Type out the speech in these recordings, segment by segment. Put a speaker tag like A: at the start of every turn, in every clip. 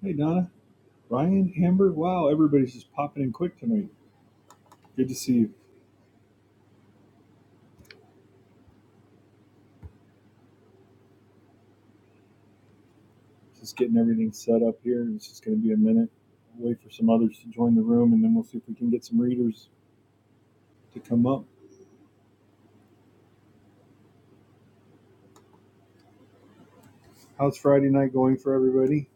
A: Hey, Donna, Ryan, Amber. Wow, everybody's just popping in quick tonight. Good to see you. Just getting everything set up here. It's just going to be a minute. We'll Wait for some others to join the room, and then we'll see if we can get some readers to come up. How's Friday night going for everybody?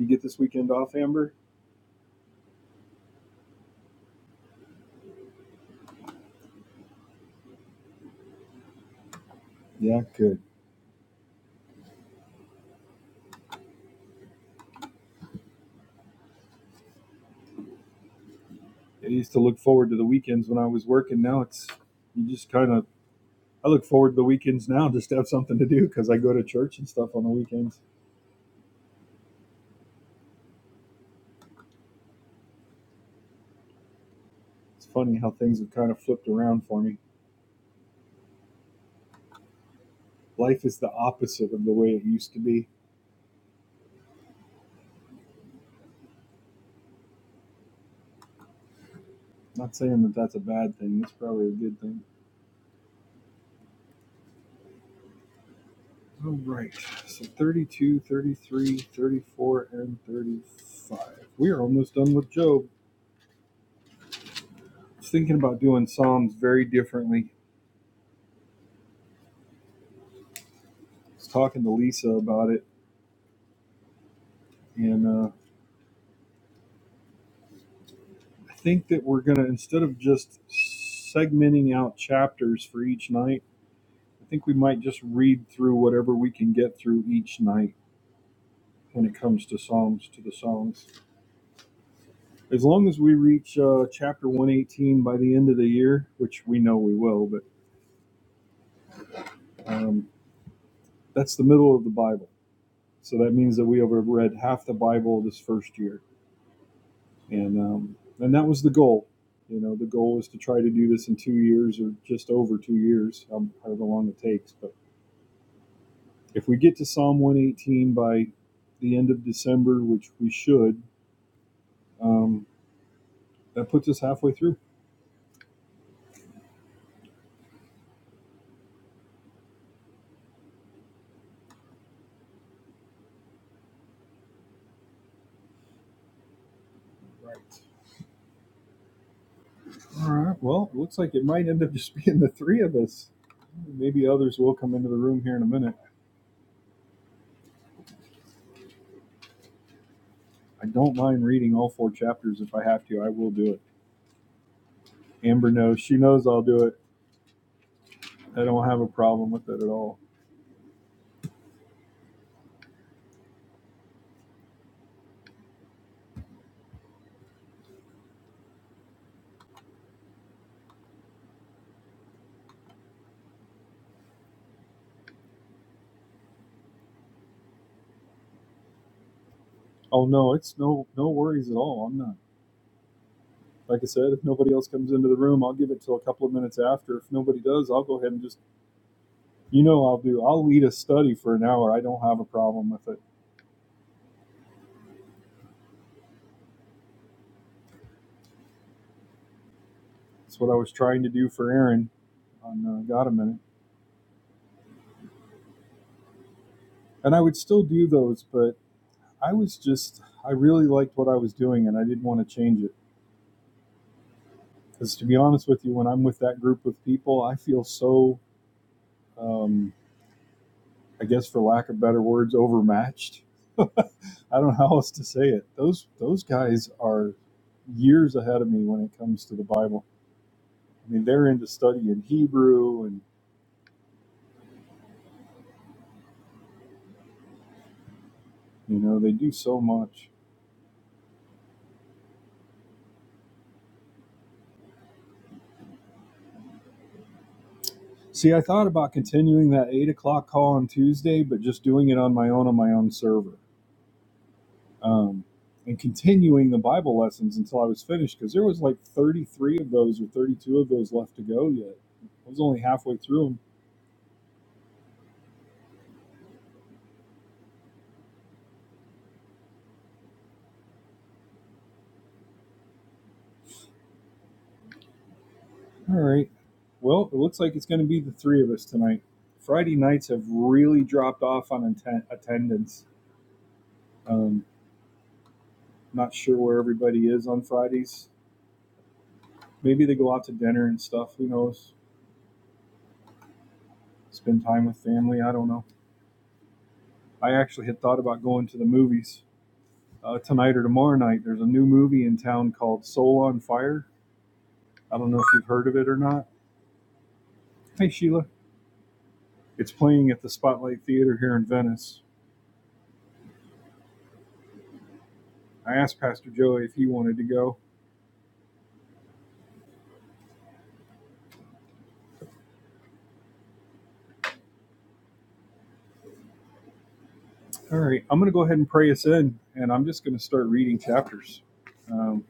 A: You get this weekend off, Amber? Yeah, good. I used to look forward to the weekends when I was working. Now it's you just kind of. I look forward to the weekends now just to have something to do because I go to church and stuff on the weekends. It's funny how things have kind of flipped around for me. life is the opposite of the way it used to be. I'm Not saying that that's a bad thing, it's probably a good thing. All right, so 32, 33, 34, and 35. We are almost done with Job. I was thinking about doing Psalms very differently. I was talking to Lisa about it, and uh, I think that we're going to, instead of just segmenting out chapters for each night, I think we might just read through whatever we can get through each night when it comes to Psalms to the Psalms as long as we reach uh, chapter 118 by the end of the year, which we know we will, but um, that's the middle of the Bible. So that means that we overread half the Bible this first year, and um, and that was the goal. You know, the goal was to try to do this in two years or just over two years, um, however long it takes. But if we get to Psalm 118 by the end of December, which we should, um, that puts us halfway through. Right. All right. Well, it looks like it might end up just being the three of us Maybe others will come into the room here in a minute. I don't mind reading all four chapters if I have to. I will do it. Amber knows. She knows I'll do it. I don't have a problem with it at all. Oh no, it's no no worries at all. I'm not. Like I said, if nobody else comes into the room, I'll give it till a couple of minutes after. If nobody does, I'll go ahead and just you know I'll do. I'll lead a study for an hour. I don't have a problem with it. That's what I was trying to do for Aaron on uh, Got a Minute, and I would still do those, but I was just I really liked what I was doing, and I didn't want to change it. Because to be honest with you, when I'm with that group of people, I feel so, um, I guess for lack of better words, overmatched. I don't know how else to say it. Those those guys are years ahead of me when it comes to the Bible. I mean, they're into studying Hebrew, and you know they do so much. See, I thought about continuing that eight o'clock call on Tuesday, but just doing it on my own on my own server. um, and continuing the Bible lessons until I was finished because there was like 33 of those or 32 of those left to go yet. I was only halfway through them. All right. Well, it looks like it's going to be the three of us tonight. Friday nights have really dropped off on atten- attendance. Um, not sure where everybody is on Fridays. Maybe they go out to dinner and stuff. Who knows? Spend time with family. I don't know. I actually had thought about going to the movies uh, tonight or tomorrow night. There's a new movie in town called Soul on Fire I don't know if you've heard of it or not. Hey, Sheila. It's playing at the Spotlight Theater here in Venice. I asked Pastor Joey if he wanted to go. All right, I'm going to go ahead and pray us in, and I'm just going to start reading chapters. Um,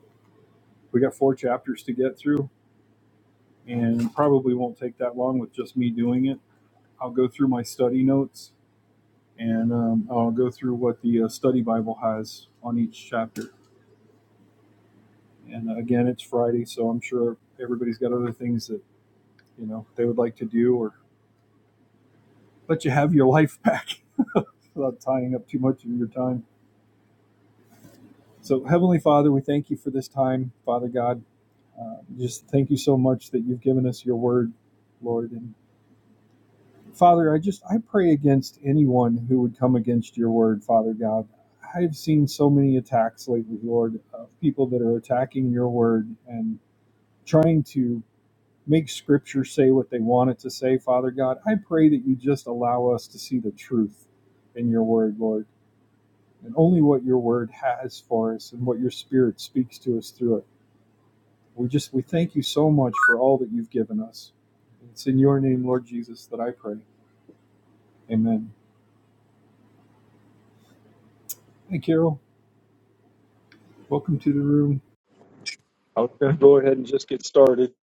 A: we got four chapters to get through, and probably won't take that long with just me doing it. I'll go through my study notes, and um, I'll go through what the uh, study Bible has on each chapter. And uh, again, it's Friday, so I'm sure everybody's got other things that you know they would like to do or but you have your life back without tying up too much of your time. So, Heavenly Father, we thank you for this time, Father God. Uh, just thank you so much that you've given us your word, Lord. And Father, I just I pray against anyone who would come against your word, Father God. I've seen so many attacks lately, Lord, of people that are attacking your word and trying to make scripture say what they want it to say, Father God. I pray that you just allow us to see the truth in your word, Lord and only what your word has for us and what your spirit speaks to us through it. We just we thank you so much for all that you've given us. It's in your name, Lord Jesus, that I pray. Amen. Hey Carol, welcome to the room. I'll go ahead and just get started.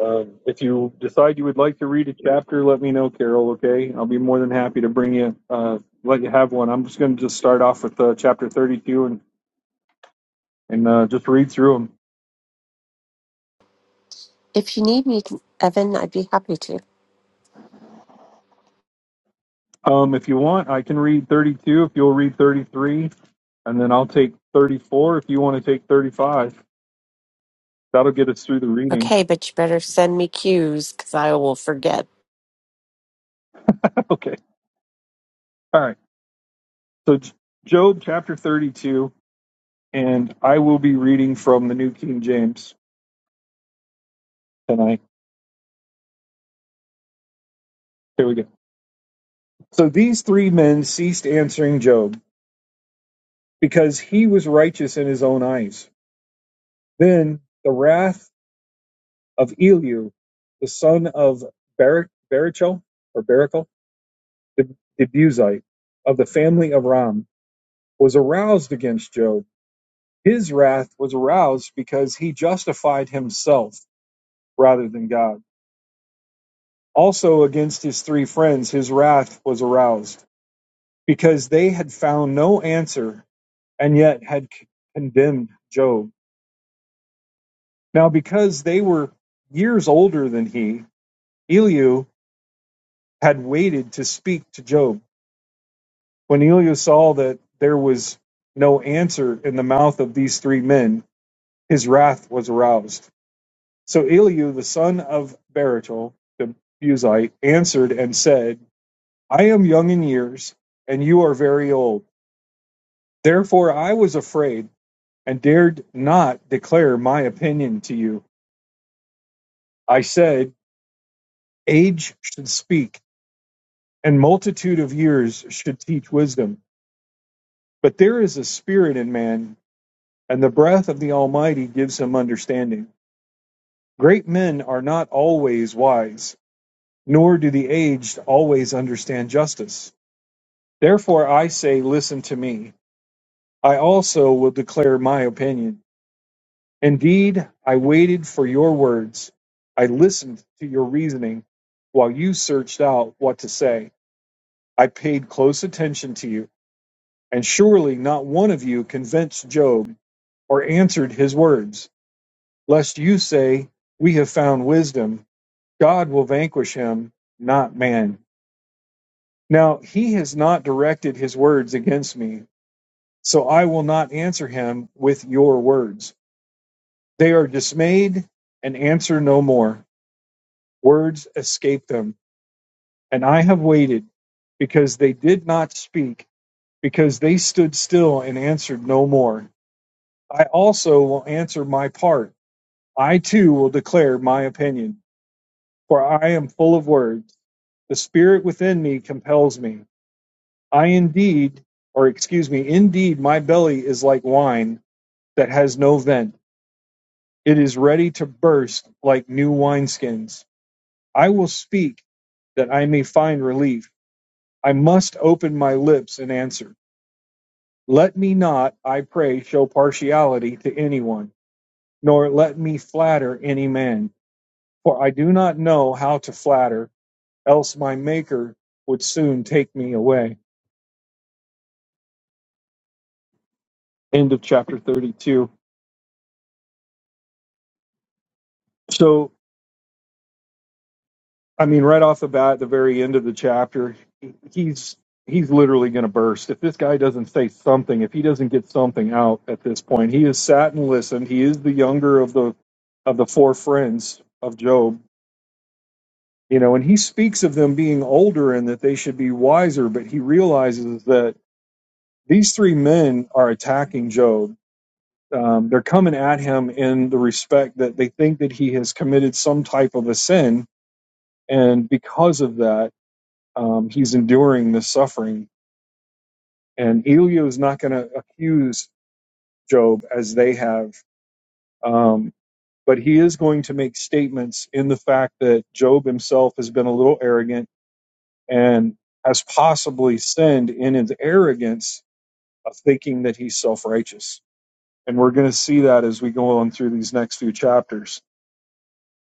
A: Um, if you decide you would like to read a chapter, let me know, Carol. Okay, I'll be more than happy to bring you, uh, let you have one. I'm just going to just start off with uh, chapter 32 and and uh, just read through them.
B: If you need me, Evan, I'd be happy to.
A: Um, if you want, I can read 32 if you'll read 33, and then I'll take 34 if you want to take 35. That'll get us through the
B: Okay,
A: readings.
B: but you better send me cues because I will forget.
A: okay. All right. So, J- Job chapter 32, and I will be reading from the New King James tonight. Here we go. So, these three men ceased answering Job because he was righteous in his own eyes. Then the wrath of Elihu, the son of Barak, Barachel, or Barachel the the Buzite of the family of Ram was aroused against Job. His wrath was aroused because he justified himself rather than God. Also against his three friends, his wrath was aroused because they had found no answer and yet had condemned Job. Now, because they were years older than he, Elihu had waited to speak to Job. When Elihu saw that there was no answer in the mouth of these three men, His wrath was aroused. So Elihu the son of Barachel, the Buzite, answered and said, I am young in years, and you are very old. Therefore I was afraid and dared not declare my opinion to you. I said, Age should speak, and multitude of years should teach wisdom, but their spirit and the understanding, great not nor always. Therefore I say, Listen to me. I also will declare my opinion. Indeed, I waited for your words. I listened to your reasoning while you searched out what to say. I paid close attention to you, and surely not one of you convinced Job or answered his words, lest you say, We have found wisdom. God will vanquish him, not man. Now he has not directed his words against me, so I will not answer him with your words. They are dismayed and answer no more. Words escaped them, and I have waited because they did not speak, because they stood still and answered no more. I also will answer my part. I too will declare my opinion, for I am full of words. The spirit within me compels me. I indeed, or excuse me, indeed, my belly is like wine that has no vent. It is ready to burst like new wineskins. I will speak that I may find relief I must open my lips and answer. Let me not, I pray, show partiality to anyone, nor let me flatter any man, for I do not know how to flatter, else my Maker would soon take me away. End of chapter 32. So, I mean, right off the bat, the very end of the chapter, he- he's he's literally going to burst if this guy doesn't say something if he doesn't get something out at this point he has sat and listened he is the younger of the of the four friends of job You know, and he speaks of them being older and that they should be wiser, but he realizes that these three men are attacking Job. Um, they're coming at him in the respect that they think that he has committed some type of a sin, and because of that, um, he's enduring this suffering. And Elio is not going to accuse Job as they have, um, but he is going to make statements in the fact that Job himself has been a little arrogant and has possibly sinned in his arrogance of thinking that he's self righteous. And we're going to see that as we go on through these next few chapters.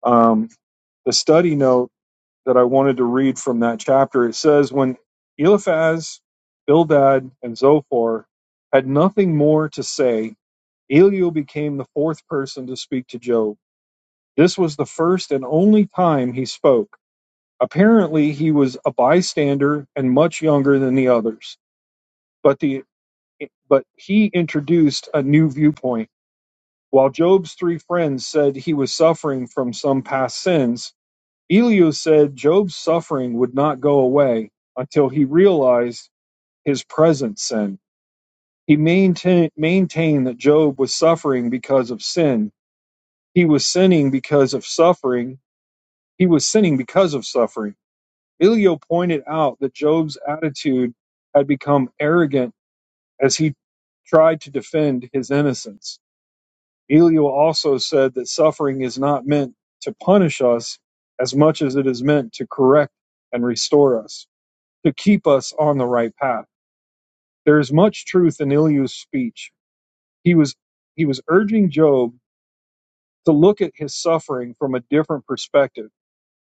A: Um, the C note that I read from when Elias, Bildad, and Zor had nothing more to say, Eliu became the fourth person to so. This was the first and only time he spoke. Apparently, he was a bystander and much younger than the others, but the but he introduced a new viewpoint While Job's three friends said he was suffering from some past sins, Elihu said Job's suffering would not go away until he realized his present sin. He maintain, maintained that Job was suffering because of sin. He was sinning because of suffering. He was sinning because of suffering. Elihu pointed out that Job's attitude had become arrogant as he tried to defend his sins. said that suffering is not meant to punish us as much as it is meant to correct and restore us, to keep us on the right path. There is much truth in Elihu's speech. He was he was urging Job to look at his suffering from a different perspective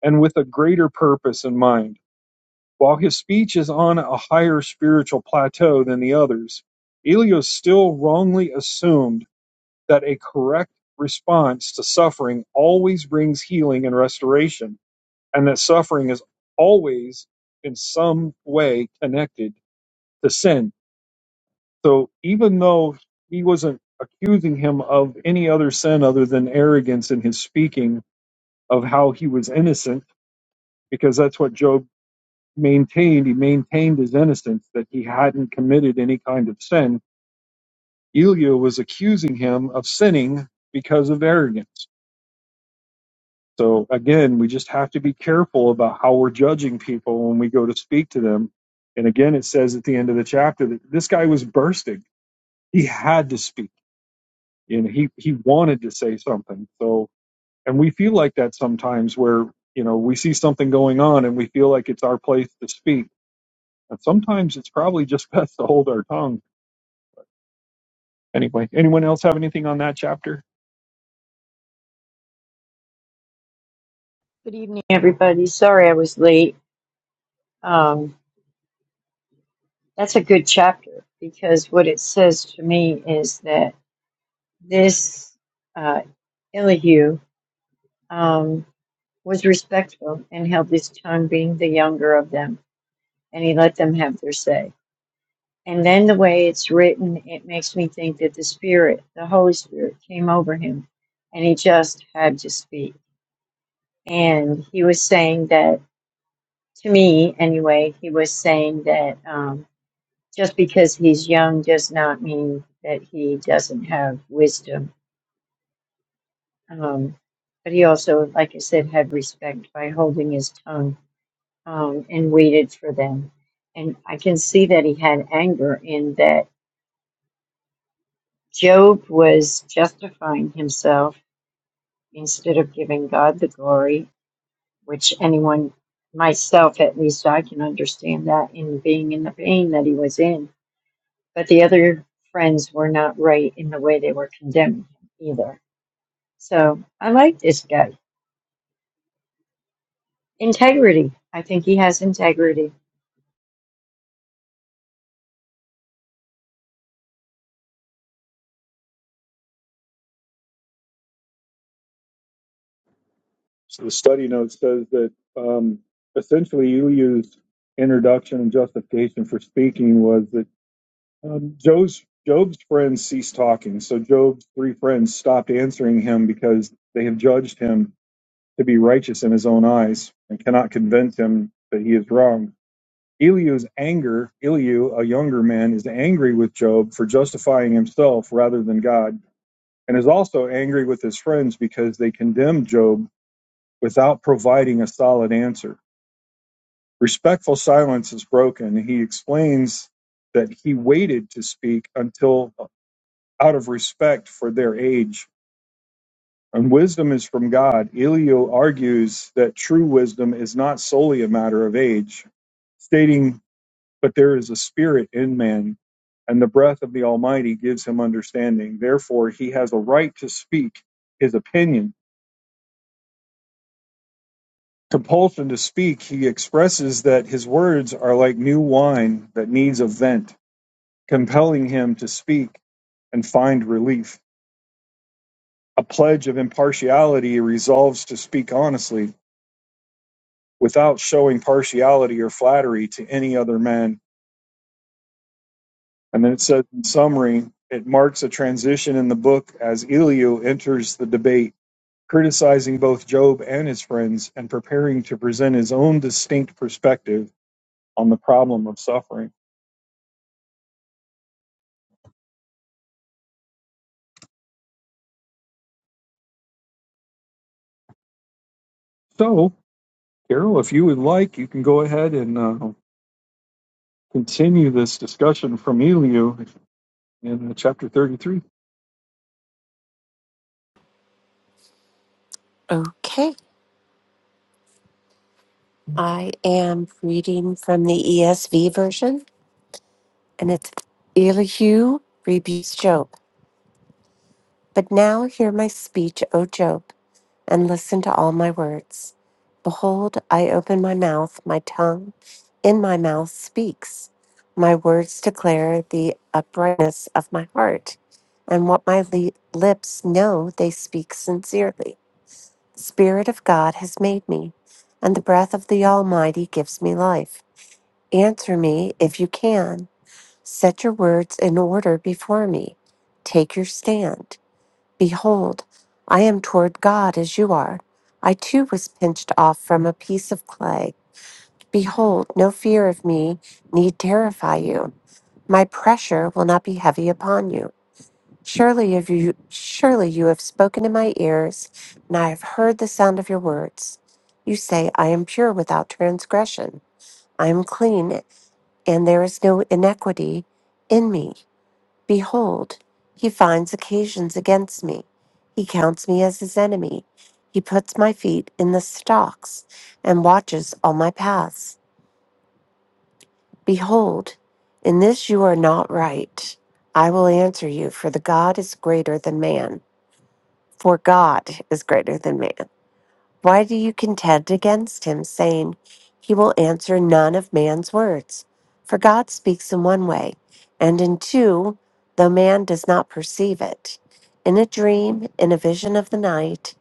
A: and with a greater purpose in mind. While his speech is on a higher spiritual plateau than the others, Elihu still wrongly assumed that a correct response to suffering always brings healing and restoration and that suffering is always in some way connected to sin. So even though he wasn't accusing him of any other sin other than arrogance in his speaking of how he was innocent, because that's what Job maintained. He maintained his innocence, that he hadn't committed any kind of sin. Elihu was accusing him of sinning because of arrogance. So again, we just have to be careful about how we're judging people when we go to speak to them. And again, it says at the end of the chapter that this guy was bursting. He had to speak and he, he wanted to say something. So, and we feel like that sometimes where, you know, we see something going on and we feel like it's our place to speak. And sometimes it's probably just best to hold our tongue. Anyway, anyone else have anything on that chapter?
C: Good evening, everybody. Sorry I was late. Um, that's a good chapter because what it says to me is that this uh, Elihu um, was respectful and held his tongue, being the younger of them, and he let them have their say. And then the way it's written, it makes me think that the Spirit, the Holy Spirit, came over him and he just had to speak. And he was saying that, to me anyway, he was saying that. Um, Just because he's young does not mean that he doesn't have wisdom. Um, but he also, like I said, had respect by holding his tongue um, and waited for them. And I can see that he had anger in that Job was justifying himself instead of giving God the glory, which anyone, myself at least, I can understand that in being in the pain that he was in. But the other friends were not right in the way they were condemning him either So I like this guy. Integrity. I think he has integrity.
A: So the study note says that um, essentially Elihu's introduction and justification for speaking was that um, Job's Job's friends ceased talking. So Job's three friends stopped answering him because they have judged him to be righteous in his own eyes and cannot convince him that he is wrong. Elihu's anger, Elihu, a younger man, is angry with Job for justifying himself rather than God, and is also angry with his friends because they condemned Job without providing a solid answer. Respectful silence is broken. He explains that he waited to speak until uh, out of respect for their age. And wisdom is from God. Elio argues that true wisdom is not solely a matter of age, stating, But there is a spirit in man, and the breath of the Almighty gives him understanding. Therefore, he has a right to speak his opinion." Compulsion to speak, he expresses that his words are like new wine that needs a vent, compelling him to speak and find relief. A pledge of impartiality he resolves to speak honestly without showing partiality or flattery to any other man. And then it says in summary, it marks a transition in the book as Elihu enters the debate, criticizing both Job and his friends and preparing to present his own distinct perspective on the problem of suffering. So, Carol, if you would like, you can go ahead and uh, continue this discussion from Eliu in uh, chapter 33.
B: Okay, I am reading from the ESV version, and it's Elihu rebukes Job. But now hear my speech, O Job. and listen to all my words. Behold, I open my mouth, my tongue in my mouth speaks. My words declare the uprightness of my heart, and what my le- lips know, they speak sincerely. Spirit of God has made me, and the breath of the Almighty gives me life. Answer me if you can. Set your words in order before me. Take your stand. Behold, I am toward God as you are. I too was pinched off from a piece of clay. Behold, no fear of me need terrify you. My pressure will not be heavy upon you. Surely if you surely you have spoken in my ears, and I have heard the sound of your words. You say, I am pure without transgression. I am clean, and there is no iniquity in me. Behold, he finds occasions against me. He counts me as his enemy. He puts my feet in the stocks and watches all my paths. Behold, in this you are not right. I will answer you, for the God is greater than man. For God is greater than man. Why do you contend against him, saying, He will answer none of man's words? For God speaks in one way, and in two, though man does not perceive it. In a dream, in a vision of the night,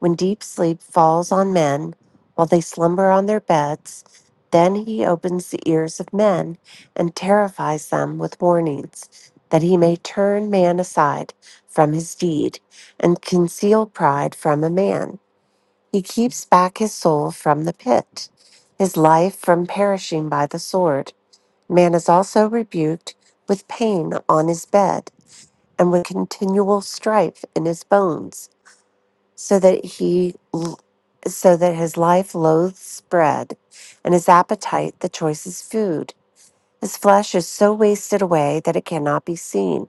B: when deep sleep falls on men, while they slumber on their beds, then he opens the ears of men and terrifies them with warnings, that he may turn man aside from his deed and conceal pride from a man. He keeps back his soul from the pit, his life from perishing by the sword. Man is also rebuked with pain on his bed and with continual strife in his bones, so that he so that his life loathes bread and his appetite the choicest food. This flesh is so wasted away that it cannot be seen.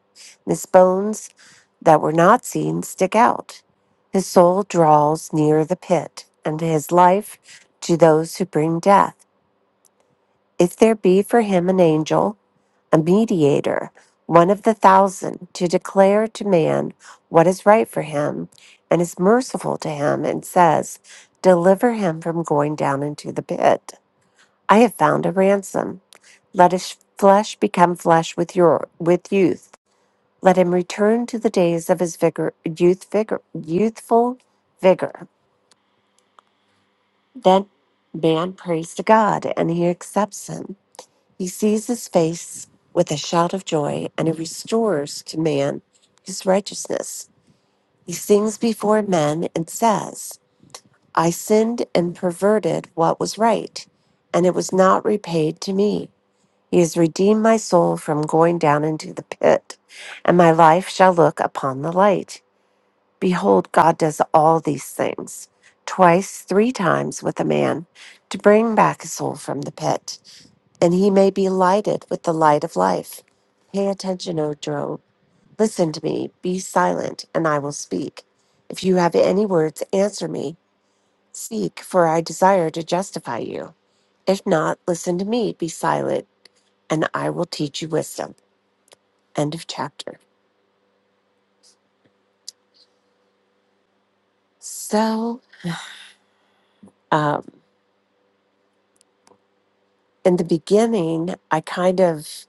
B: his bones that were not seen stick out. His soul draws near the pit, and his life to those who bring death. If there be for him an angel, a mediator, one of the thousand, to declare to man what is right for him, and is merciful to him, and says, Deliver him from going down into the pit. I have found a ransom let his flesh become flesh with your with youth. Let him return to the days of his vigor, youth vigor, youthful vigor. Then man prays to God, and he accepts him. He sees his face with a shout of joy, and he restores to man his righteousness. He sings before men and says, "I sinned and perverted what was right, and it was not repaid to me." He has redeemed my soul from going down into the pit, and my life shall look upon the light. Behold, God does all these things, twice, three times with a man, to bring back a soul from the pit, and he may be lighted with the light of life. Pay attention, O Job. Listen to me, be silent, and I will speak. If you have any words, answer me. Speak, for I desire to justify you. If not, listen to me, be silent, and I will teach you wisdom. End of chapter. So, um, in the beginning, I kind of,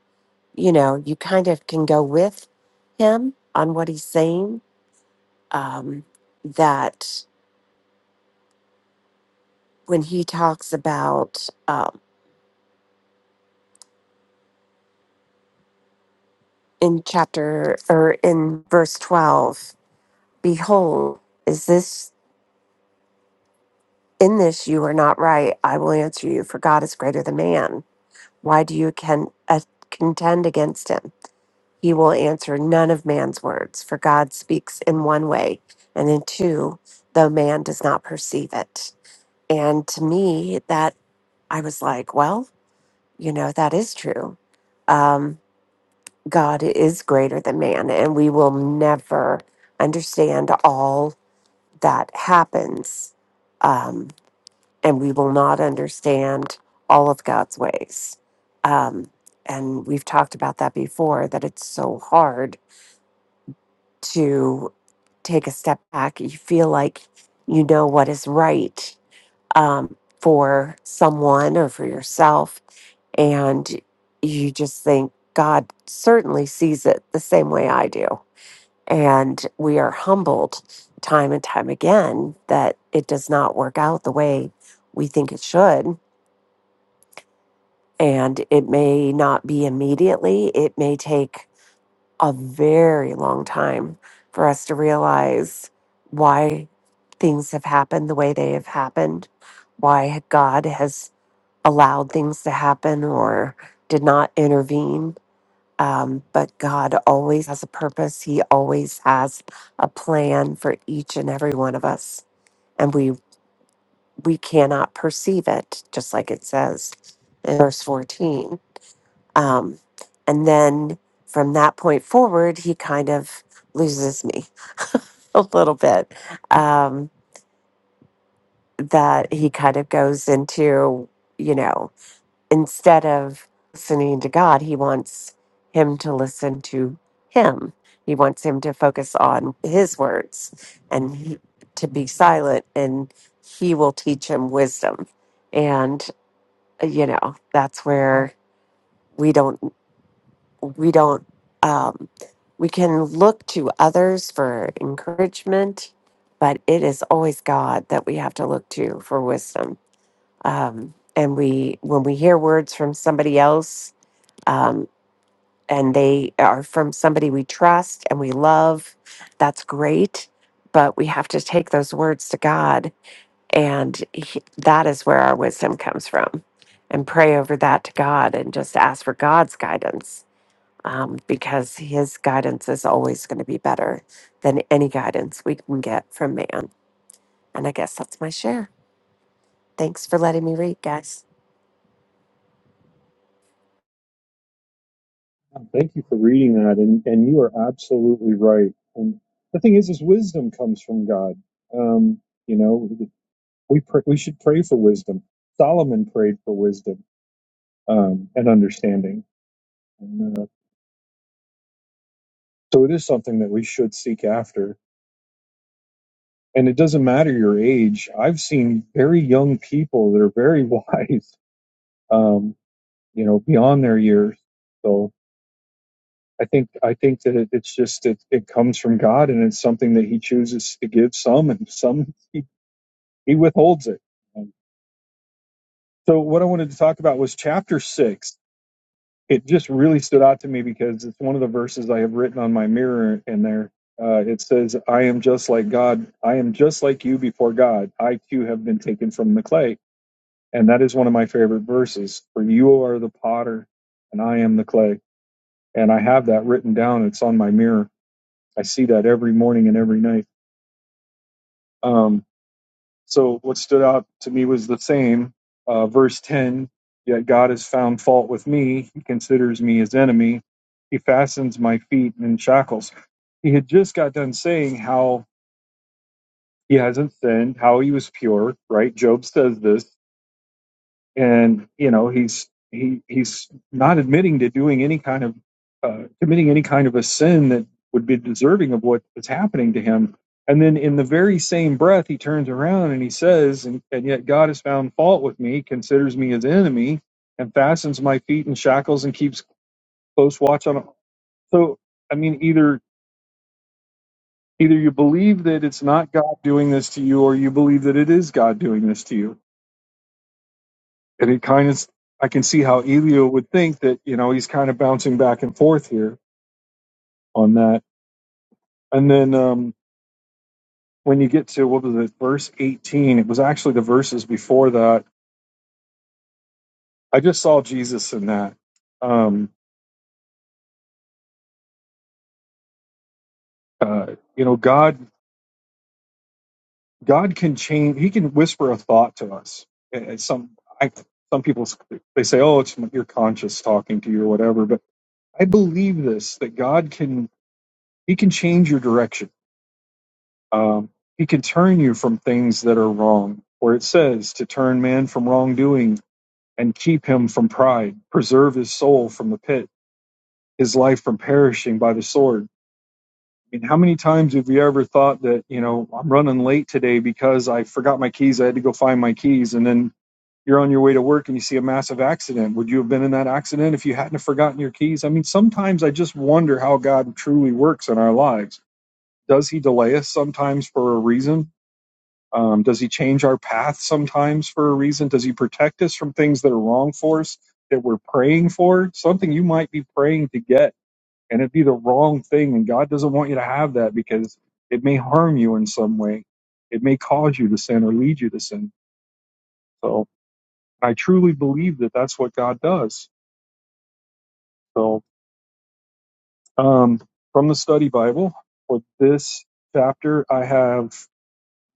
B: you know, you kind of can go with him on what he's saying. Um, that when he talks about um, in chapter or in verse 12, behold, is this in this you are not right? I will answer you, for God is greater than man. Why do you can, uh, contend against him? He will answer none of man's words, for God speaks in one way, and in two, though man does not perceive it. And to me, that I was like, well, you know, that is true. Um, God is greater than man, and we will never understand all that happens. Um, and we will not understand all of God's ways. Um, and we've talked about that before, that it's so hard to take a step back. You feel like you know what is right um, for someone or for yourself. And you just think God certainly sees it the same way I do. And we are humbled time and time again that it does not work out the way we think it should. And it may not be immediately, it may take a very long time for us to realize why things have happened the way they have happened, why God has allowed things to happen or did not intervene. Um, but God always has a purpose. He always has a plan for each and every one of us, and we we cannot perceive it, just like it says in verse fourteen. Um, and then from that point forward, he kind of loses me a little bit. Um, that he kind of goes into, you know, instead of listening to God, he wants him to listen to him. He wants him to focus on his words and he, to be silent, and he will teach him wisdom. And, uh, you know, that's where we don't. we don't um, we can look to others for encouragement but it is always god that we have to look to for wisdom um, and we when we hear words from somebody else um, and they are from somebody we trust and we love that's great but we have to take those words to god and he, that is where our wisdom comes from and pray over that to god and just ask for god's guidance um, because his guidance is always going to be better than any guidance we can get from man. And I guess that's my share. Thanks for letting me read, guys.
A: Thank you for reading that, and and you are absolutely right. And the thing is, is wisdom comes from God. Um, you know, we pr- we should pray for wisdom. Solomon prayed for wisdom um, and understanding, and, uh, so it is something that we should seek after. And it doesn't matter your age. I've seen very young people that are very wise, um, you know, beyond their years. So I think I think that it, it's just it, it comes from God, and it's something that He chooses to give some, and some He, he withholds it. Um, So what I wanted to talk about was chapter six. It just really stood out to me because it's one of the verses I have written on my mirror, and there uh, it says, "I am just like God. I am just like you before God. I too have been taken from the clay." And that is one of my favorite verses. For you are the potter, and I am the clay and I have that written down. It's on my mirror. I see that every morning and every night. Um, so what stood out to me was the same uh, verse ten. Yet God has found fault with me. He considers me his enemy. He fastens my feet in shackles. He had just got done saying how he hasn't sinned, how he was pure. Right? Job says this and you know he's he he's not admitting to doing any kind of uh, committing any kind of a sin that would be deserving of what is happening to him and then in the very same breath he turns around and he says and, and yet god has found fault with me considers me his enemy and fastens my feet in shackles and keeps close watch on so i mean either either you believe that it's not god doing this to you or you believe that it is god doing this to you and it kind of I can see how Elio would think that you know he's kind of bouncing back and forth here on that. And then um, when you get to what was it, verse eighteen? It was actually the verses before that. I just saw Jesus in that. Um, uh, you know, God God can change. He can whisper a thought to us. And and some I, some people they say, oh, it's your conscience talking to you or whatever. But I believe this that God can He can change your direction Um, he can turn you from things that are wrong, where it says to turn man from wrongdoing and keep him from pride, preserve his soul from the pit, his life from perishing by the sword. I mean, how many times have you ever thought that, you know, I'm running late today because I forgot my keys, I had to go find my keys, and then you're on your way to work and you see a massive accident. Would you have been in that accident if you hadn't have forgotten your keys? I mean, sometimes I just wonder how God truly works in our lives. Does he delay us sometimes for a reason? Um, does he change our path sometimes for a reason? Does he protect us from things that are wrong for us that we're praying for? Something you might be praying to get, and it'd be the wrong thing, and God doesn't want you to have that because it may harm you in some way. It may cause you to sin or lead you to sin. So I truly believe that that's what God does. So um, from the study Bible for this chapter, I have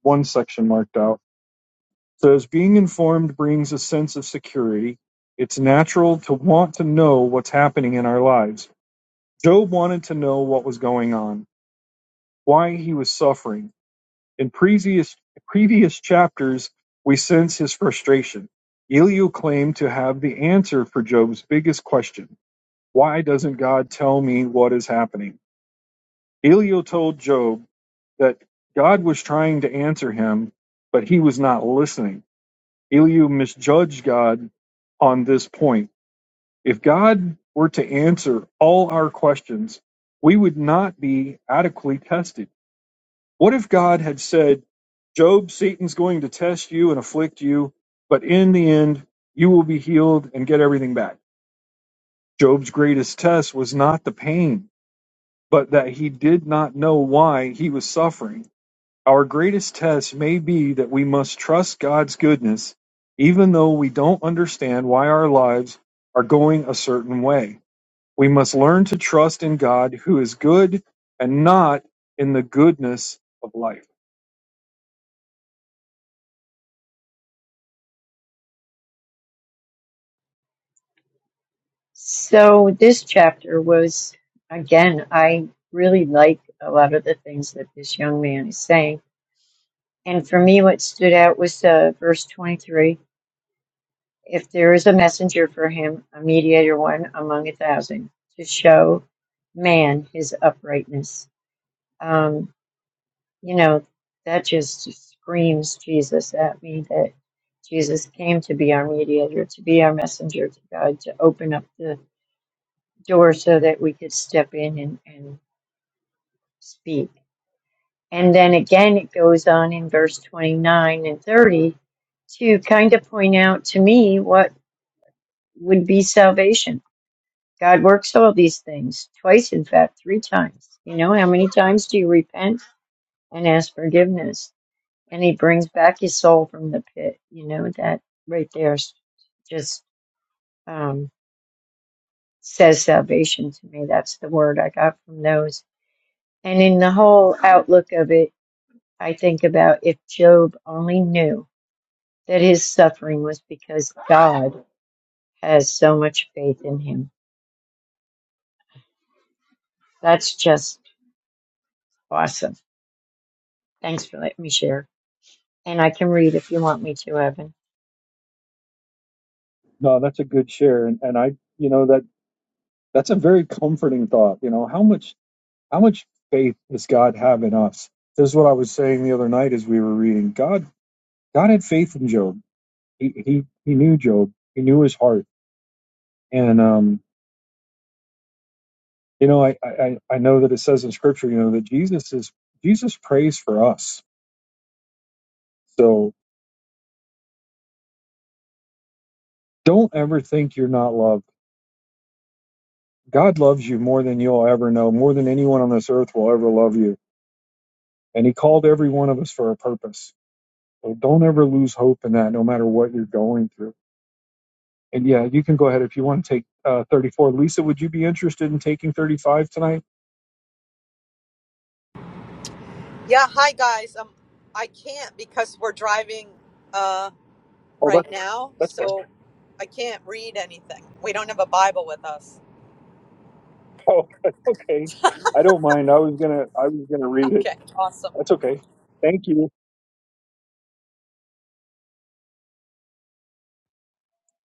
A: one section marked out So as being informed brings a sense of security, it's natural to want to know what's happening in our lives. Job wanted to know what was going on, why he was suffering. In previous previous chapters, we sense his frustration. Elihu claimed to have the answer for Job's biggest question. Why doesn't God tell me what is happening? Elihu told Job that God was trying to answer him, but he was not listening. Elihu misjudged God on this point. If God were to answer all our questions, we would not be adequately tested. What if God had said, Job, Satan's going to test you and afflict you, but in the end, you will be healed and get everything back? Job's greatest test was not the pain, but that he did not know why he was suffering Our greatest test may be that we must trust God's goodness, even though we don't understand why our lives are going a certain way. We must learn to trust in God who is good and not in the goodness of life.
C: So this chapter was, again, I really like a lot of the things that this young man is saying. And for me, what stood out was uh, verse 23 If there is a messenger for him, a mediator one among a thousand, to show man his uprightness. Um, you know, that just screams Jesus at me that Jesus came to be our mediator, to be our messenger to God, to open up the door so that we could step in and, and speak. And then again, it goes on in verse 29 and 30 to kind of point out to me what would be salvation. God works all these things twice, in fact, three times. You know, how many times do you repent and ask forgiveness? and he brings back his soul from the pit. You know, that right there s- just um, says salvation to me. That's the word I got from those. And in the whole outlook of it, I think about if Job only knew that his suffering was because God has so much faith in him. That's just awesome. Thanks for letting me share. And I can read if you want me to, Evan.
A: No, that's a good share. And, and I, you know, that that's a very comforting thought. You know, how much, how much faith does God have in us? This is what I was saying the other night as we were reading. God, God had faith in Job. He, he, he knew Job. He knew his heart. And, um, You know, I, I I know that it says in Scripture, you know, that Jesus is Jesus prays for us. So don't ever think you're not loved. God loves you more than you'll ever know, more than anyone on this earth will ever love you. And He called every one of us for a purpose. So don't ever lose hope in that, no matter what you're going through. And yeah, you can go ahead if you want to take uh, 34. Lisa, would you be interested in taking 35 tonight?
D: Yeah, hi guys. Um, I can't because we're driving uh
A: Oh, that,
D: right now,
A: that's fine.
D: so I can't read anything. We don't have a Bible with us.
A: Oh, okay. I don't mind. I was gonna I was gonna read it.
D: Okay, awesome.
A: That's okay. Thank you.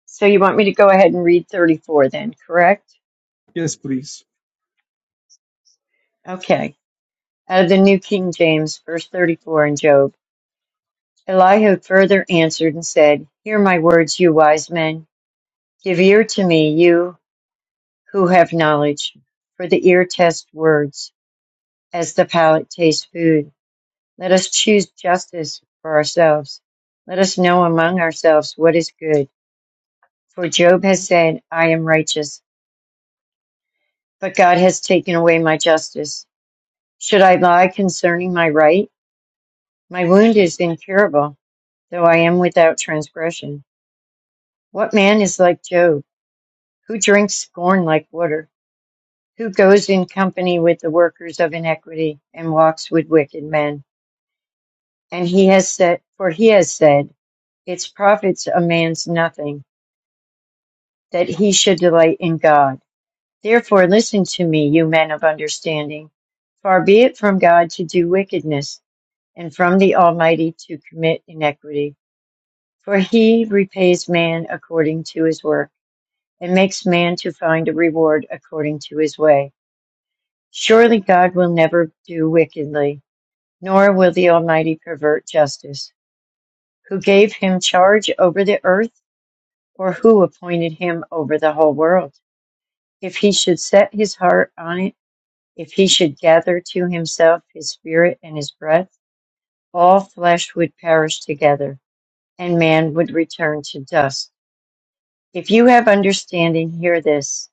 C: So you want me to go ahead and read 34 then, correct?
A: Yes, please.
C: Okay. Out of the New King James, verse 34 in Job. Elihu further answered and said, Hear my words, you wise men. Give ear to me, you who have knowledge. For the ear tests words, as the palate tastes food. Let us choose justice for ourselves. Let us know among ourselves what is good. For Job has said, I am righteous, but God has taken away my justice. Should I lie concerning my right? My wound is incurable, though I am without transgression. What man is like Job, who drinks scorn like water, who goes in company with the workers of iniquity and walks with wicked men? And he has said, for he has said, it profits a man's nothing that he should delight in God. Therefore, listen to me, you men of understanding. Far be it from God to do wickedness, and from the Almighty to commit iniquity. For he repays man according to his work. and makes man to find a reward according to his way. Surely God will never do wickedly, nor will the Almighty pervert justice. Who gave him charge over the earth, or who appointed him over the whole world? If he should set his heart on it, if he should gather to himself his spirit and his breath, all flesh would perish together, and man would return to dust. If you have understanding, hear this.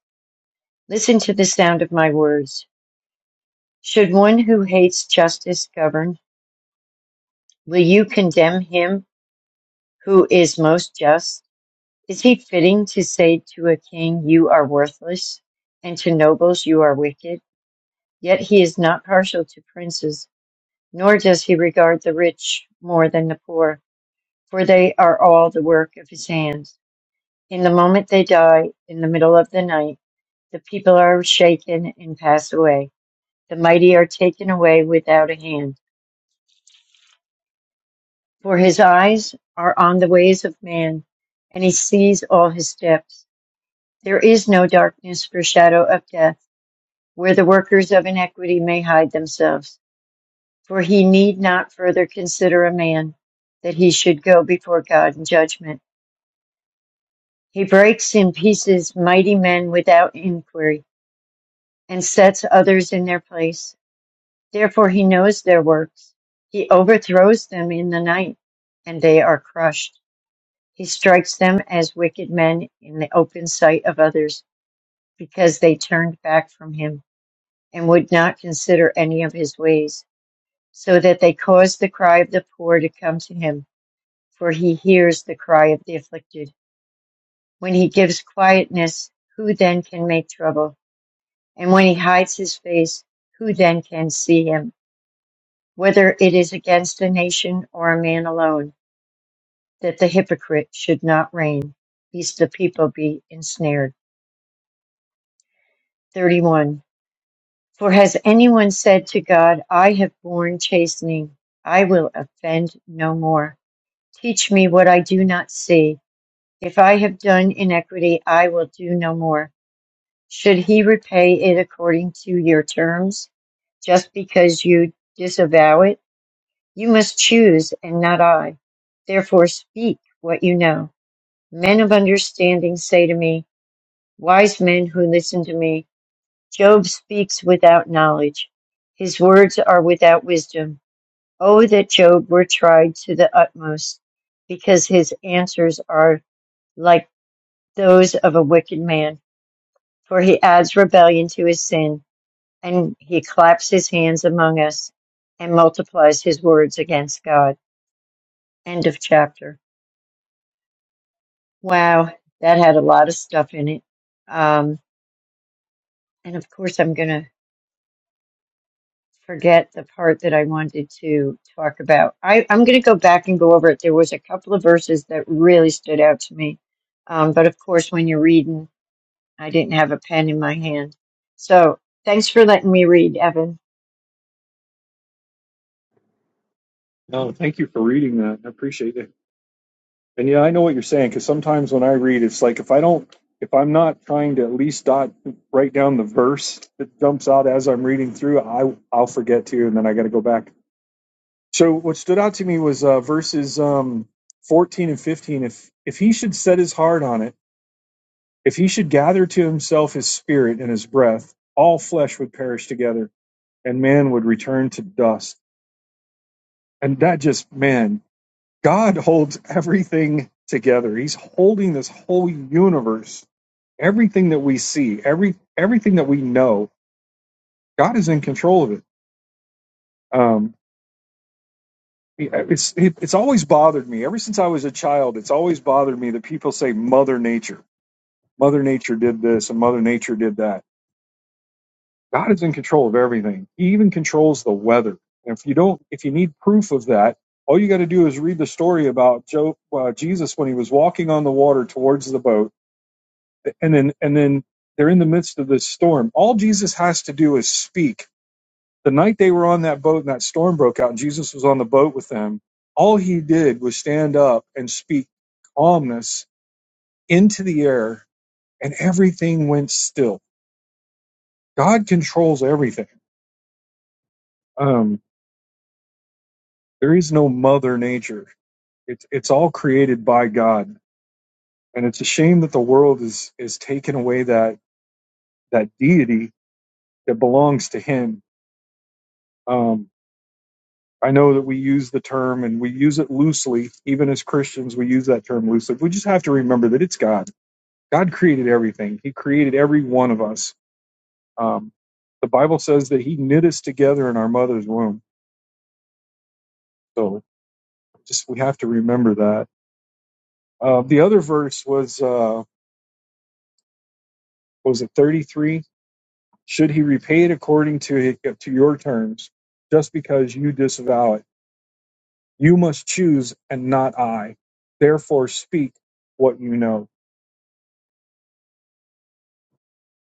C: Listen to the sound of my words. Should one who hates justice govern? Will you condemn him who is most just? Is he fitting to say to a king, You are worthless, and to nobles, You are wicked? Yet he is not partial to princes, nor does he regard the rich more than the poor, for they are all the work of his hands. In the moment they die, in the middle of the night, the people are shaken and pass away. The mighty are taken away without a hand. For his eyes are on the ways of man, and he sees all his steps. There is no darkness or shadow of death, where the workers of iniquity may hide themselves. For he need not further consider a man, that he should go before God in judgment. He breaks in pieces mighty men without inquiry, and sets others in their place. Therefore he knows their works. He overthrows them in the night, and they are crushed. He strikes them as wicked men in the open sight of others, because they turned back from him, and would not consider any of his ways, so that they caused the cry of the poor to come to him, for he hears the cry of the afflicted. When he gives quietness, who then can make trouble? And when he hides his face, who then can see him? Whether it is against a nation or a man alone, that the hypocrite should not reign, lest the people be ensnared. 31. For has anyone said to God, I have borne chastening, I will offend no more? Teach me what I do not see. If I have done iniquity, I will do no more. Should he repay it according to your terms, just because you disavow it? You must choose, and not I. Therefore, speak what you know. Men of understanding say to me, Wise men who listen to me, Job speaks without knowledge. His words are without wisdom. Oh, that Job were tried to the utmost, because his answers are like those of a wicked man. For he adds rebellion to his sin, and he claps his hands among us and multiplies his words against God. End of chapter. Wow, that had a lot of stuff in it. Um, and of course, I'm going to forget the part that I wanted to talk about. I, I'm going to go back and go over it. There was a couple of verses that really stood out to me. Um, but of course, when you're reading, I didn't have a pen in my hand. So thanks for letting me read, Evan.
A: No, thank you for reading that. I appreciate it. And yeah, I know what you're saying because sometimes when I read, it's like if I don't, if I'm not trying to at least dot write down the verse that jumps out as I'm reading through, I I'll forget to, and then I got to go back. So what stood out to me was uh, verses um, 14 and 15. If if he should set his heart on it, if he should gather to himself his spirit and his breath, all flesh would perish together, and man would return to dust. And that just man, God holds everything together. He's holding this whole universe, everything that we see, every everything that we know. God is in control of it. Um, it's it, it's always bothered me ever since I was a child. It's always bothered me that people say Mother Nature, Mother Nature did this and Mother Nature did that. God is in control of everything. He even controls the weather. And if you don't, if you need proof of that, all you got to do is read the story about Joe, uh, Jesus when he was walking on the water towards the boat and then and then they're in the midst of this storm. All Jesus has to do is speak. The night they were on that boat and that storm broke out and Jesus was on the boat with them, all he did was stand up and speak calmness into the air and everything went still. God controls everything. Um, there is no mother nature. It's it's all created by God. And it's a shame that the world is is taking away that that deity that belongs to him. Um, I know that we use the term and we use it loosely. Even as Christians, we use that term loosely. We just have to remember that it's God. God created everything, He created every one of us. Um, the Bible says that He knit us together in our mother's womb. So just we have to remember that. Uh, the other verse was, uh, was it 33? Should He repay it according to, his, to your terms, just because you disavow it? You must choose and not I. Therefore, speak what you know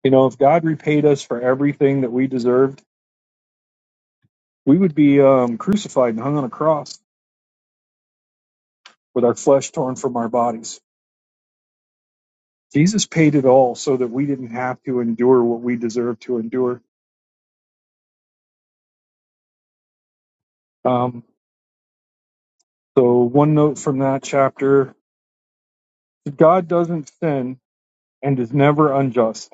A: You know, if God repaid us for everything that we deserved, we would be um, crucified and hung on a cross with our flesh torn from our bodies. Jesus paid it all so that we didn't have to endure what we deserve to endure. Um, so, one note from that chapter God doesn't sin and is never unjust.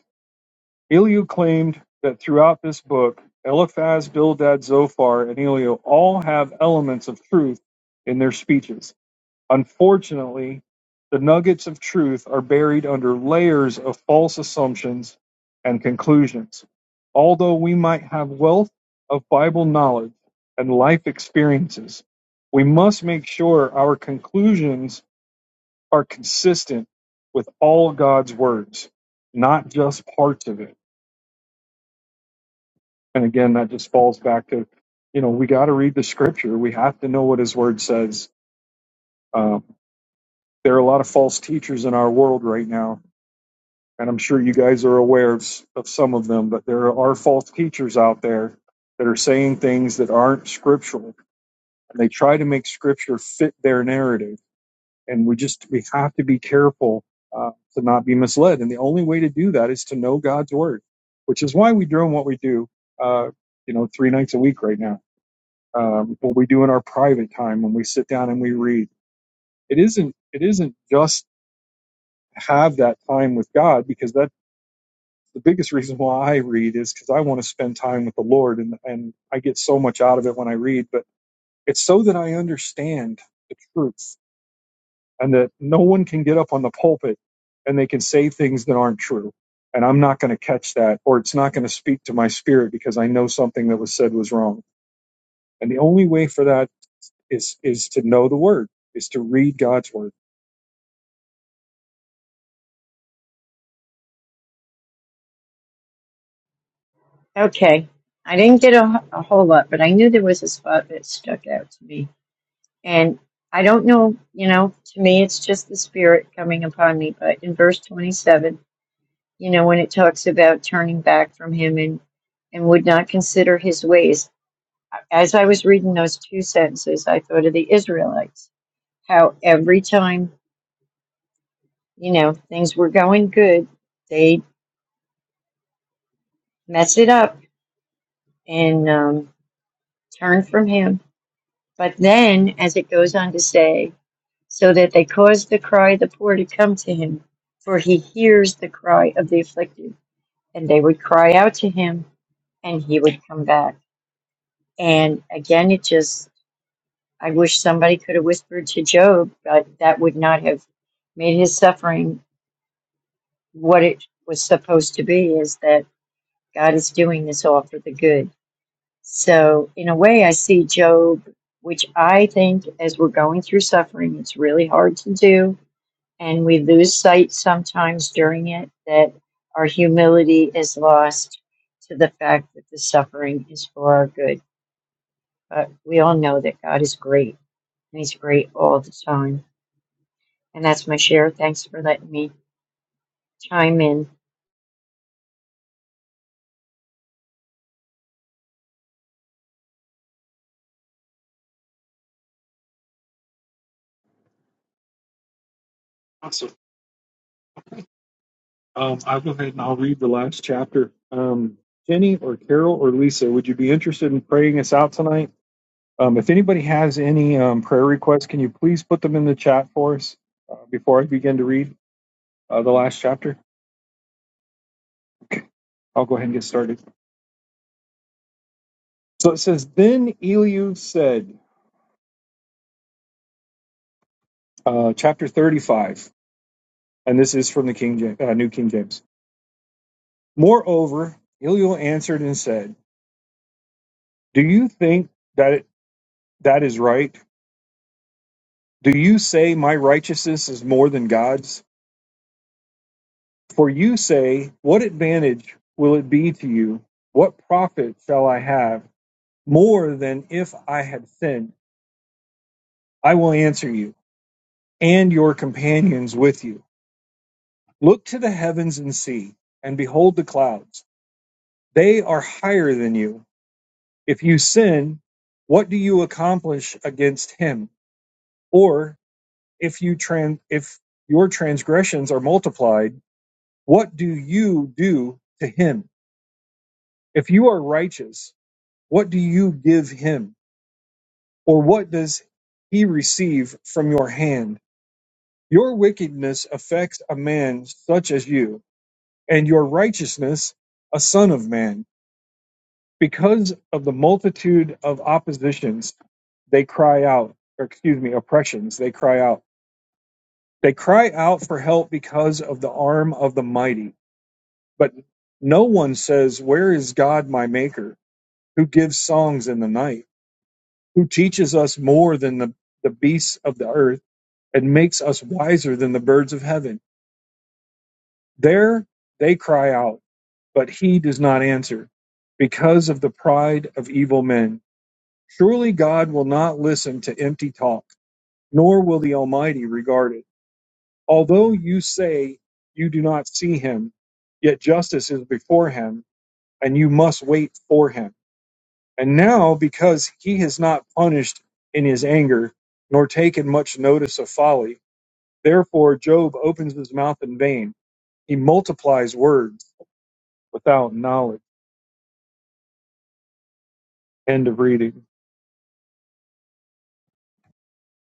A: Elihu claimed that throughout this book, Eliphaz, Bildad, Zophar, and Elihu all have elements of truth in their speeches Unfortunately, the nuggets of truth are buried under layers of false assumptions and conclusions. Although we might have wealth of Bible knowledge and life experiences, we must make sure our conclusions are consistent with all God's words, not just parts of it. And again, that just falls back to, you know, we got to read the scripture. We have to know what his word says. Um, there are a lot of false teachers in our world right now and I'm sure you guys are aware of, s- of some of them, but there are false teachers out there that are saying things that aren't scriptural, and they try to make scripture fit their narrative. And we just we have to be careful uh, to not be misled. And the only way to do that is to know God's word, which is why we do what we do. Uh, you know, three nights a week right now. Um, what we do in our private time when we sit down and we read. It isn't. It isn't just have that time with God because that. the biggest reason why I read is because I want to spend time with the Lord, and and I get so much out of it when I read. But it's so that I understand the truth, and that no one can get up on the pulpit and they can say things that aren't true, and I'm not going to catch that, or it's not going to speak to my spirit because I know something that was said was wrong. And the only way for that is is to know the Word, is to read God's Word.
C: Okay. I didn't get a, a whole lot, but I knew there was a spot that stuck out to me. And I don't know, you know, to me, it's just the Spirit coming upon me. But in verse 27, you know, when it talks about turning back from him and, and would not consider his ways. As I was reading those two sentences, I thought of the Israelites, how every time, you know, things were going good, they mess it up and um, turn from him. But then, as it goes on to say, so that they cause the cry of the poor to come to him, for he hears the cry of the afflicted, and they would cry out to him, and he would come back. And again, it just I wish somebody could have whispered to Job, but that would not have made his suffering what it was supposed to be is that God is doing this all for the good. So, in a way, I see Job, which I think as we're going through suffering, it's really hard to do. And we lose sight sometimes during it that our humility is lost to the fact that the suffering is for our good. But we all know that God is great and He's great all the time. And that's my share. Thanks for letting me chime in.
A: Um, I'll go ahead and I'll read the last chapter. Um, Jenny or Carol or Lisa, would you be interested in praying us out tonight? Um, if anybody has any um, prayer requests, can you please put them in the chat for us uh, before I begin to read uh, the last chapter? Okay. I'll go ahead and get started. So it says, Then Eliu said, uh, chapter 35, and this is from the King James, uh, New King James. Moreover, Eliu answered and said, Do you think that it, that is right? Do you say my righteousness is more than God's? For you say, What advantage will it be to you? What profit shall I have? More than if I had sinned, I will answer you, and your companions with you. Look to the heavens and see, and behold the clouds. They are higher than you. If you sin, what do you accomplish against him? Or if you trans, if your transgressions are multiplied, What do you do to him? If you are righteous, what do you give him? Or what does he receive from your hand? Your wickedness affects a man such as you, and your righteousness a son of man. Because of the multitude of oppositions, they cry out, or excuse me, oppressions, they cry out. They cry out for help because of the arm of the mighty. But no one says, Where is God my maker? who gives songs in the night, who teaches us more than the, the beasts of the earth and makes us wiser than the birds of heaven. There they cry out, but he does not answer because of the pride of evil men. Surely God will not listen to empty talk, nor will the Almighty regard it. Although you say you do not see him, yet justice is before him, and you must wait for him. And now, because he has not punished in his anger, nor taken much notice of folly, therefore Job opens his mouth in vain. He multiplies words without knowledge. End of reading.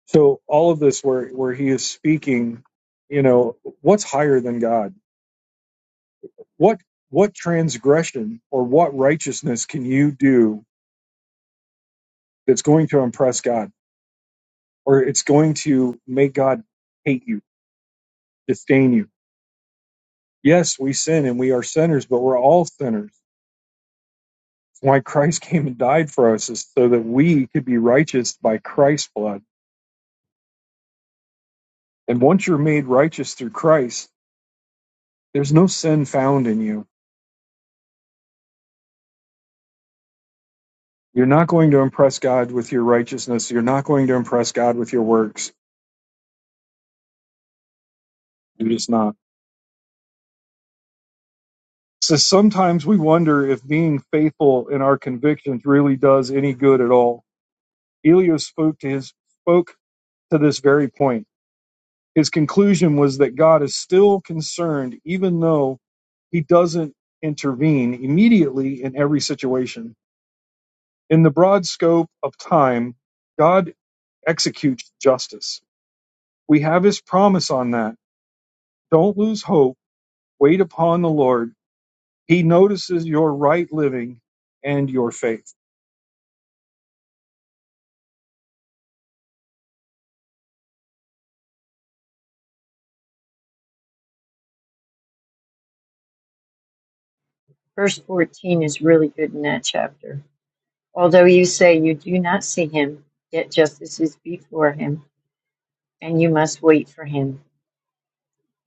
A: So all of this where, where he is speaking, you know, what's higher than God? What what transgression or what righteousness can you do that's going to impress God? Or it's going to make God hate you, disdain you? Yes, we sin and we are sinners, but we're all sinners. It's why Christ came and died for us, is so that we could be righteous by Christ's blood. And once you're made righteous through Christ, there's no sin found in you. You're not going to impress God with your righteousness. You're not going to impress God with your works. You're just not. So sometimes we wonder if being faithful in our convictions really does any good at all. Elio spoke to his spoke to this very point. His conclusion was that God is still concerned, even though he doesn't intervene immediately in every situation. In the broad scope of time, God executes justice. We have his promise on that. Don't lose hope. Wait upon the Lord. He notices your right living and your faith.
C: Verse 14 is really good in that chapter. Although you say you do not see him, yet justice is before him, and you must wait for him.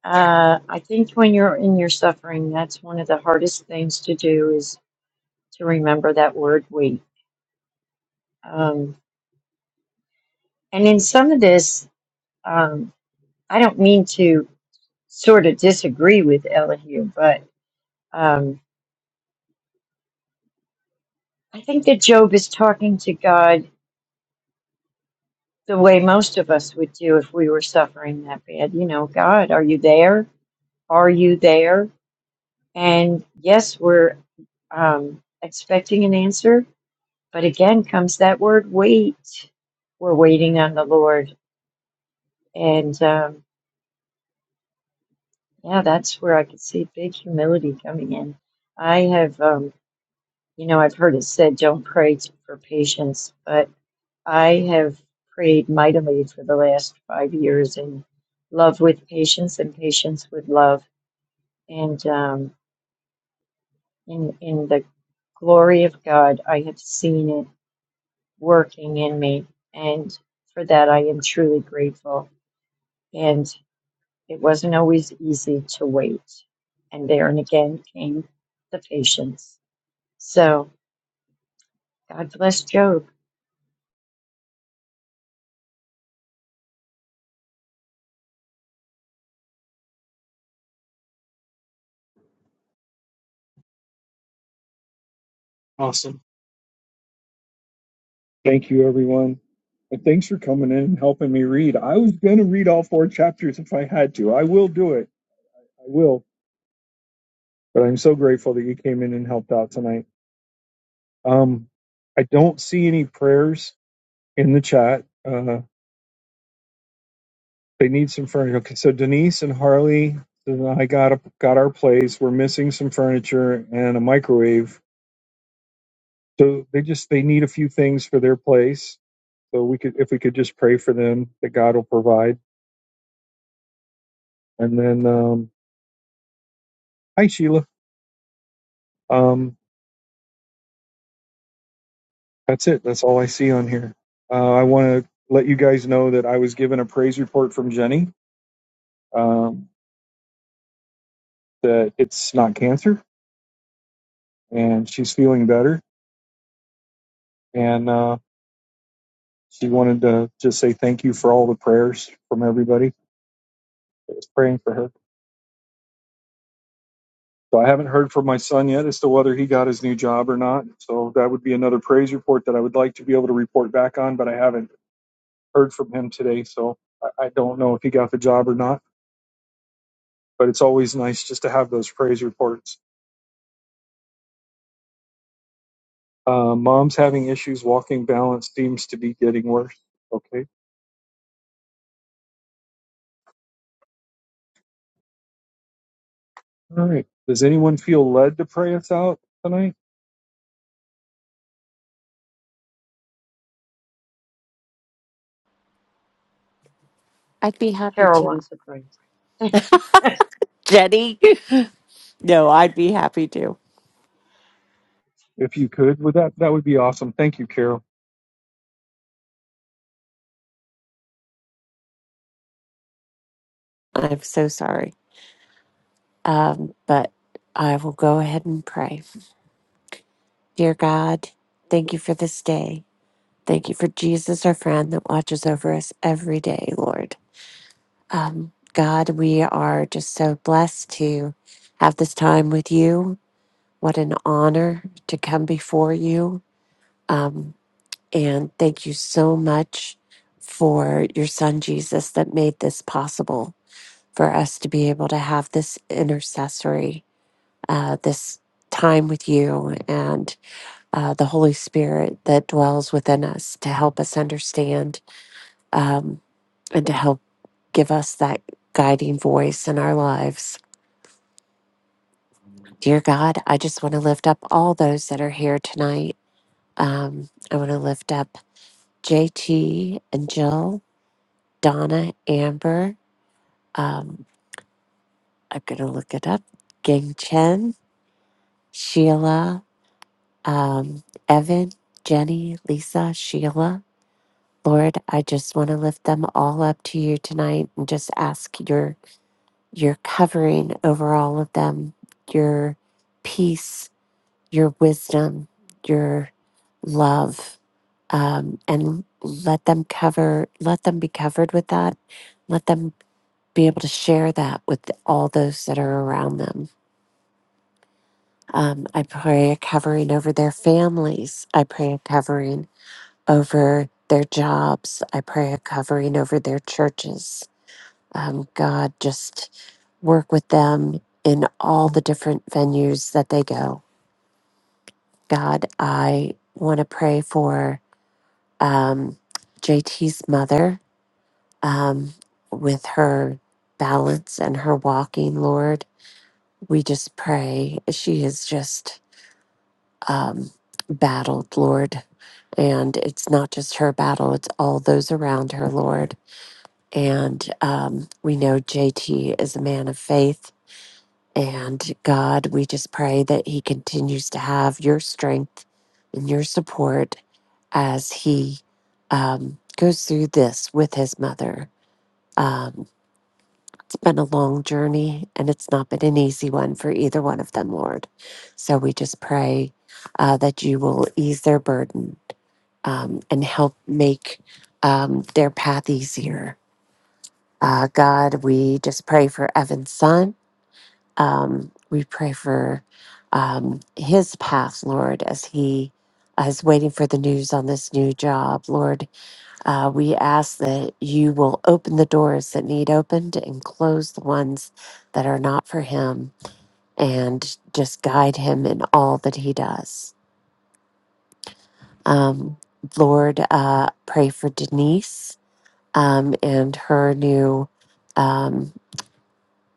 C: Uh, I think when you're in your suffering, that's one of the hardest things to do is to remember that word wait. Um, and in some of this, um, I don't mean to sort of disagree with Elihu, but um, I think that Job is talking to God the way most of us would do if we were suffering that bad. You know, God, are you there? Are you there? And yes, we're um, expecting an answer. But again, comes that word wait. We're waiting on the Lord. And um, yeah, that's where I could see big humility coming in. I have, um, you know, I've heard it said, don't pray for patience, but I have prayed mightily for the last five years in love with patience and patience with love. And um, in, in the glory of God, I have seen it working in me. And for that, I am truly grateful. And it wasn't always easy to wait. And there and again came the patience. So God bless Job.
A: Awesome. Thank you, everyone. And thanks for coming in and helping me read. I was going to read all four chapters if I had to. I will do it. I will. but I'm so grateful that you came in and helped out tonight. Um, I don't see any prayers in the chat. Uh, they need some furniture. Okay, so Denise and Harley, I got a, got our place. We're missing some furniture and a microwave, so they just they need a few things for their place. So we could if we could just pray for them that God will provide. And then, um, hi Sheila. Um, that's it. That's all I see on here. Uh, I want to let you guys know that I was given a praise report from Jenny. Um, that it's not cancer and she's feeling better. And uh, she wanted to just say thank you for all the prayers from everybody that was praying for her. So I haven't heard from my son yet as to whether he got his new job or not. So that would be another praise report that I would like to be able to report back on, but I haven't heard from him today. So I, I don't know if he got the job or not. But it's always nice just to have those praise reports. Uh, mom's having issues walking. Balance seems to be getting worse. Okay All right. Does anyone feel led to pray us out tonight?
B: I'd be happy
C: Carol
B: to.
C: wants to pray.
B: Jenny? no, I'd be happy to.
A: If you could, would that that would be awesome. Thank you, Carol.
B: I'm so sorry. Um, but I will go ahead and pray. Dear God, thank you for this day. Thank you for Jesus, our friend that watches over us every day, Lord. Um, God, we are just so blessed to have this time with you What an honor to come before you. Um, and thank you so much for your son, Jesus, that made this possible for us to be able to have this intercessory, uh, this time with you and uh, the Holy Spirit that dwells within us to help us understand um, and to help give us that guiding voice in our lives. Dear God, I just want to lift up all those that are here tonight. Um, I want to lift up JT and Jill, Donna, Amber. Um, I'm going to look it up. Ging Chen, Sheila, um, Evan, Jenny, Lisa, Sheila. Lord, I just want to lift them all up to you tonight and just ask your your covering over all of them, your peace, your wisdom, your love, um, and let them cover, let them be covered with that. Let them be able to share that with all those that are around them. Um, I pray a covering over their families. I pray a covering over their jobs. I pray a covering over their churches. Um, God, just work with them in all the different venues that they go. God, I want to pray for um, JT's mother um, with her balance and her walking, Lord. we just pray. She has just um, battled, Lord. And it's not just her battle, it's all those around her, Lord. And um, we know JT is a man of faith. And God, we just pray that he continues to have your strength and your support as he um, goes through this with his mother. Um, been a long journey and it's not been an easy one for either one of them, Lord. So we just pray uh, that you will ease their burden um, and help make um, their path easier. Uh, God, we just pray for Evan's son. Um, we pray for um, his path, Lord, as he uh, is waiting for the news on this new job, Lord. Uh, we ask that you will open the doors that need opened and close the ones that are not for him and just guide him in all that he does. Um, Lord, uh, pray for Denise um, and her new um,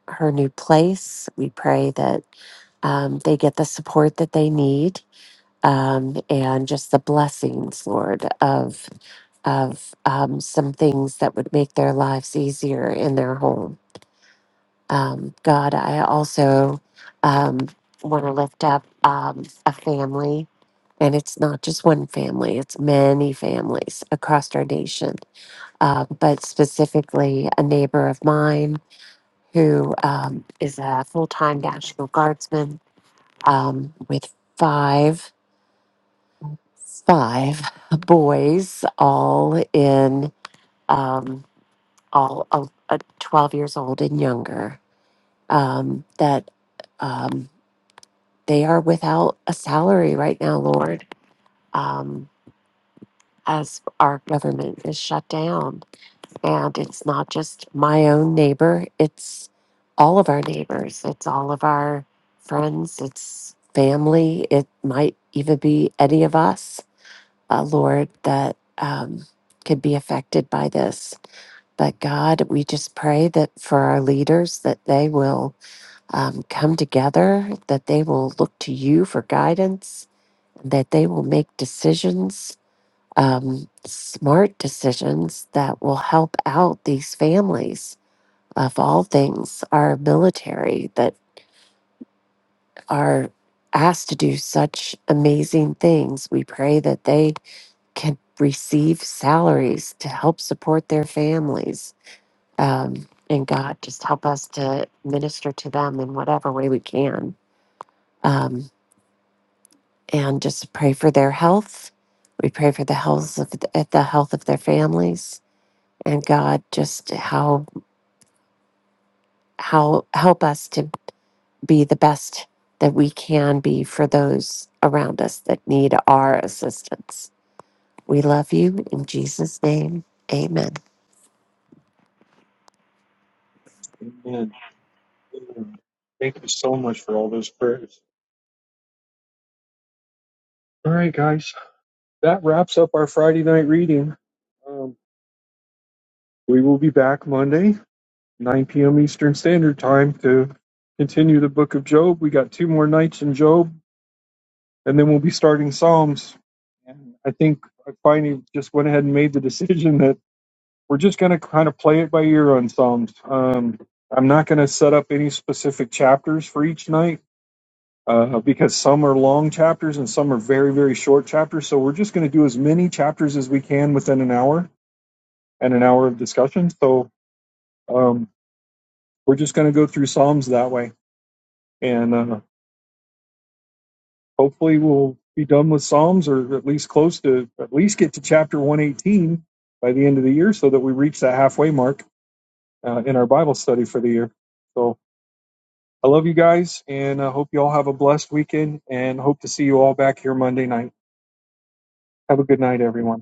B: her new place. We pray that um, they get the support that they need um, and just the blessings, Lord, of of um, some things that would make their lives easier in their home. Um, God, I also um, want to lift up um, a family, and it's not just one family, it's many families across our nation, Um, but specifically a neighbor of mine who um, is a full time National Guardsman um, with five. Five boys, all in. Um, all of, uh, 12 years old and younger um, that um, they are without a salary right now, Lord, um, as our government is shut down. And it's not just my own neighbor, it's all of our neighbors, it's all of our friends, it's family, it might even be any of us, uh, Lord, that um, could be affected by this. But God, we just pray that for our leaders, that they will um, come together, that they will look to you for guidance, and that they will make decisions, um, smart decisions that will help out these families of all things, our military that are asked to do such amazing things. We pray that they can receive salaries to help support their families Um, and God, just help us to minister to them in whatever way we can. Um, and just pray for their health. We pray for the health of the, the health of their families. And God, just how how help us to be the best that we can be for those around us that need our assistance. We love you in Jesus' name. Amen.
A: Amen. Thank you. All right, guys. That wraps up our Friday night reading. Um, we will be back Monday, 9 p.m. Eastern Standard Time to continue the Book of Job. We got two more nights in Job, and then we'll be starting Psalms. And I think I finally just went ahead and made the decision that we're just going to kind of play it by ear on Psalms. Um, I'm not going to set up any specific chapters for each night uh, because some are long chapters and some are very, very short chapters. So we're just going to do as many chapters as we can within an hour and an hour of discussion. So um, we're just going to go through Psalms that way. And uh, hopefully we'll be done with Psalms or at least close to, at least get to chapter 118 by the end of the year so that we reach that halfway mark uh, in our Bible study for the year. So I love you guys, and I hope you all have a blessed weekend, and hope to see you all back here Monday night. Have a good night, everyone.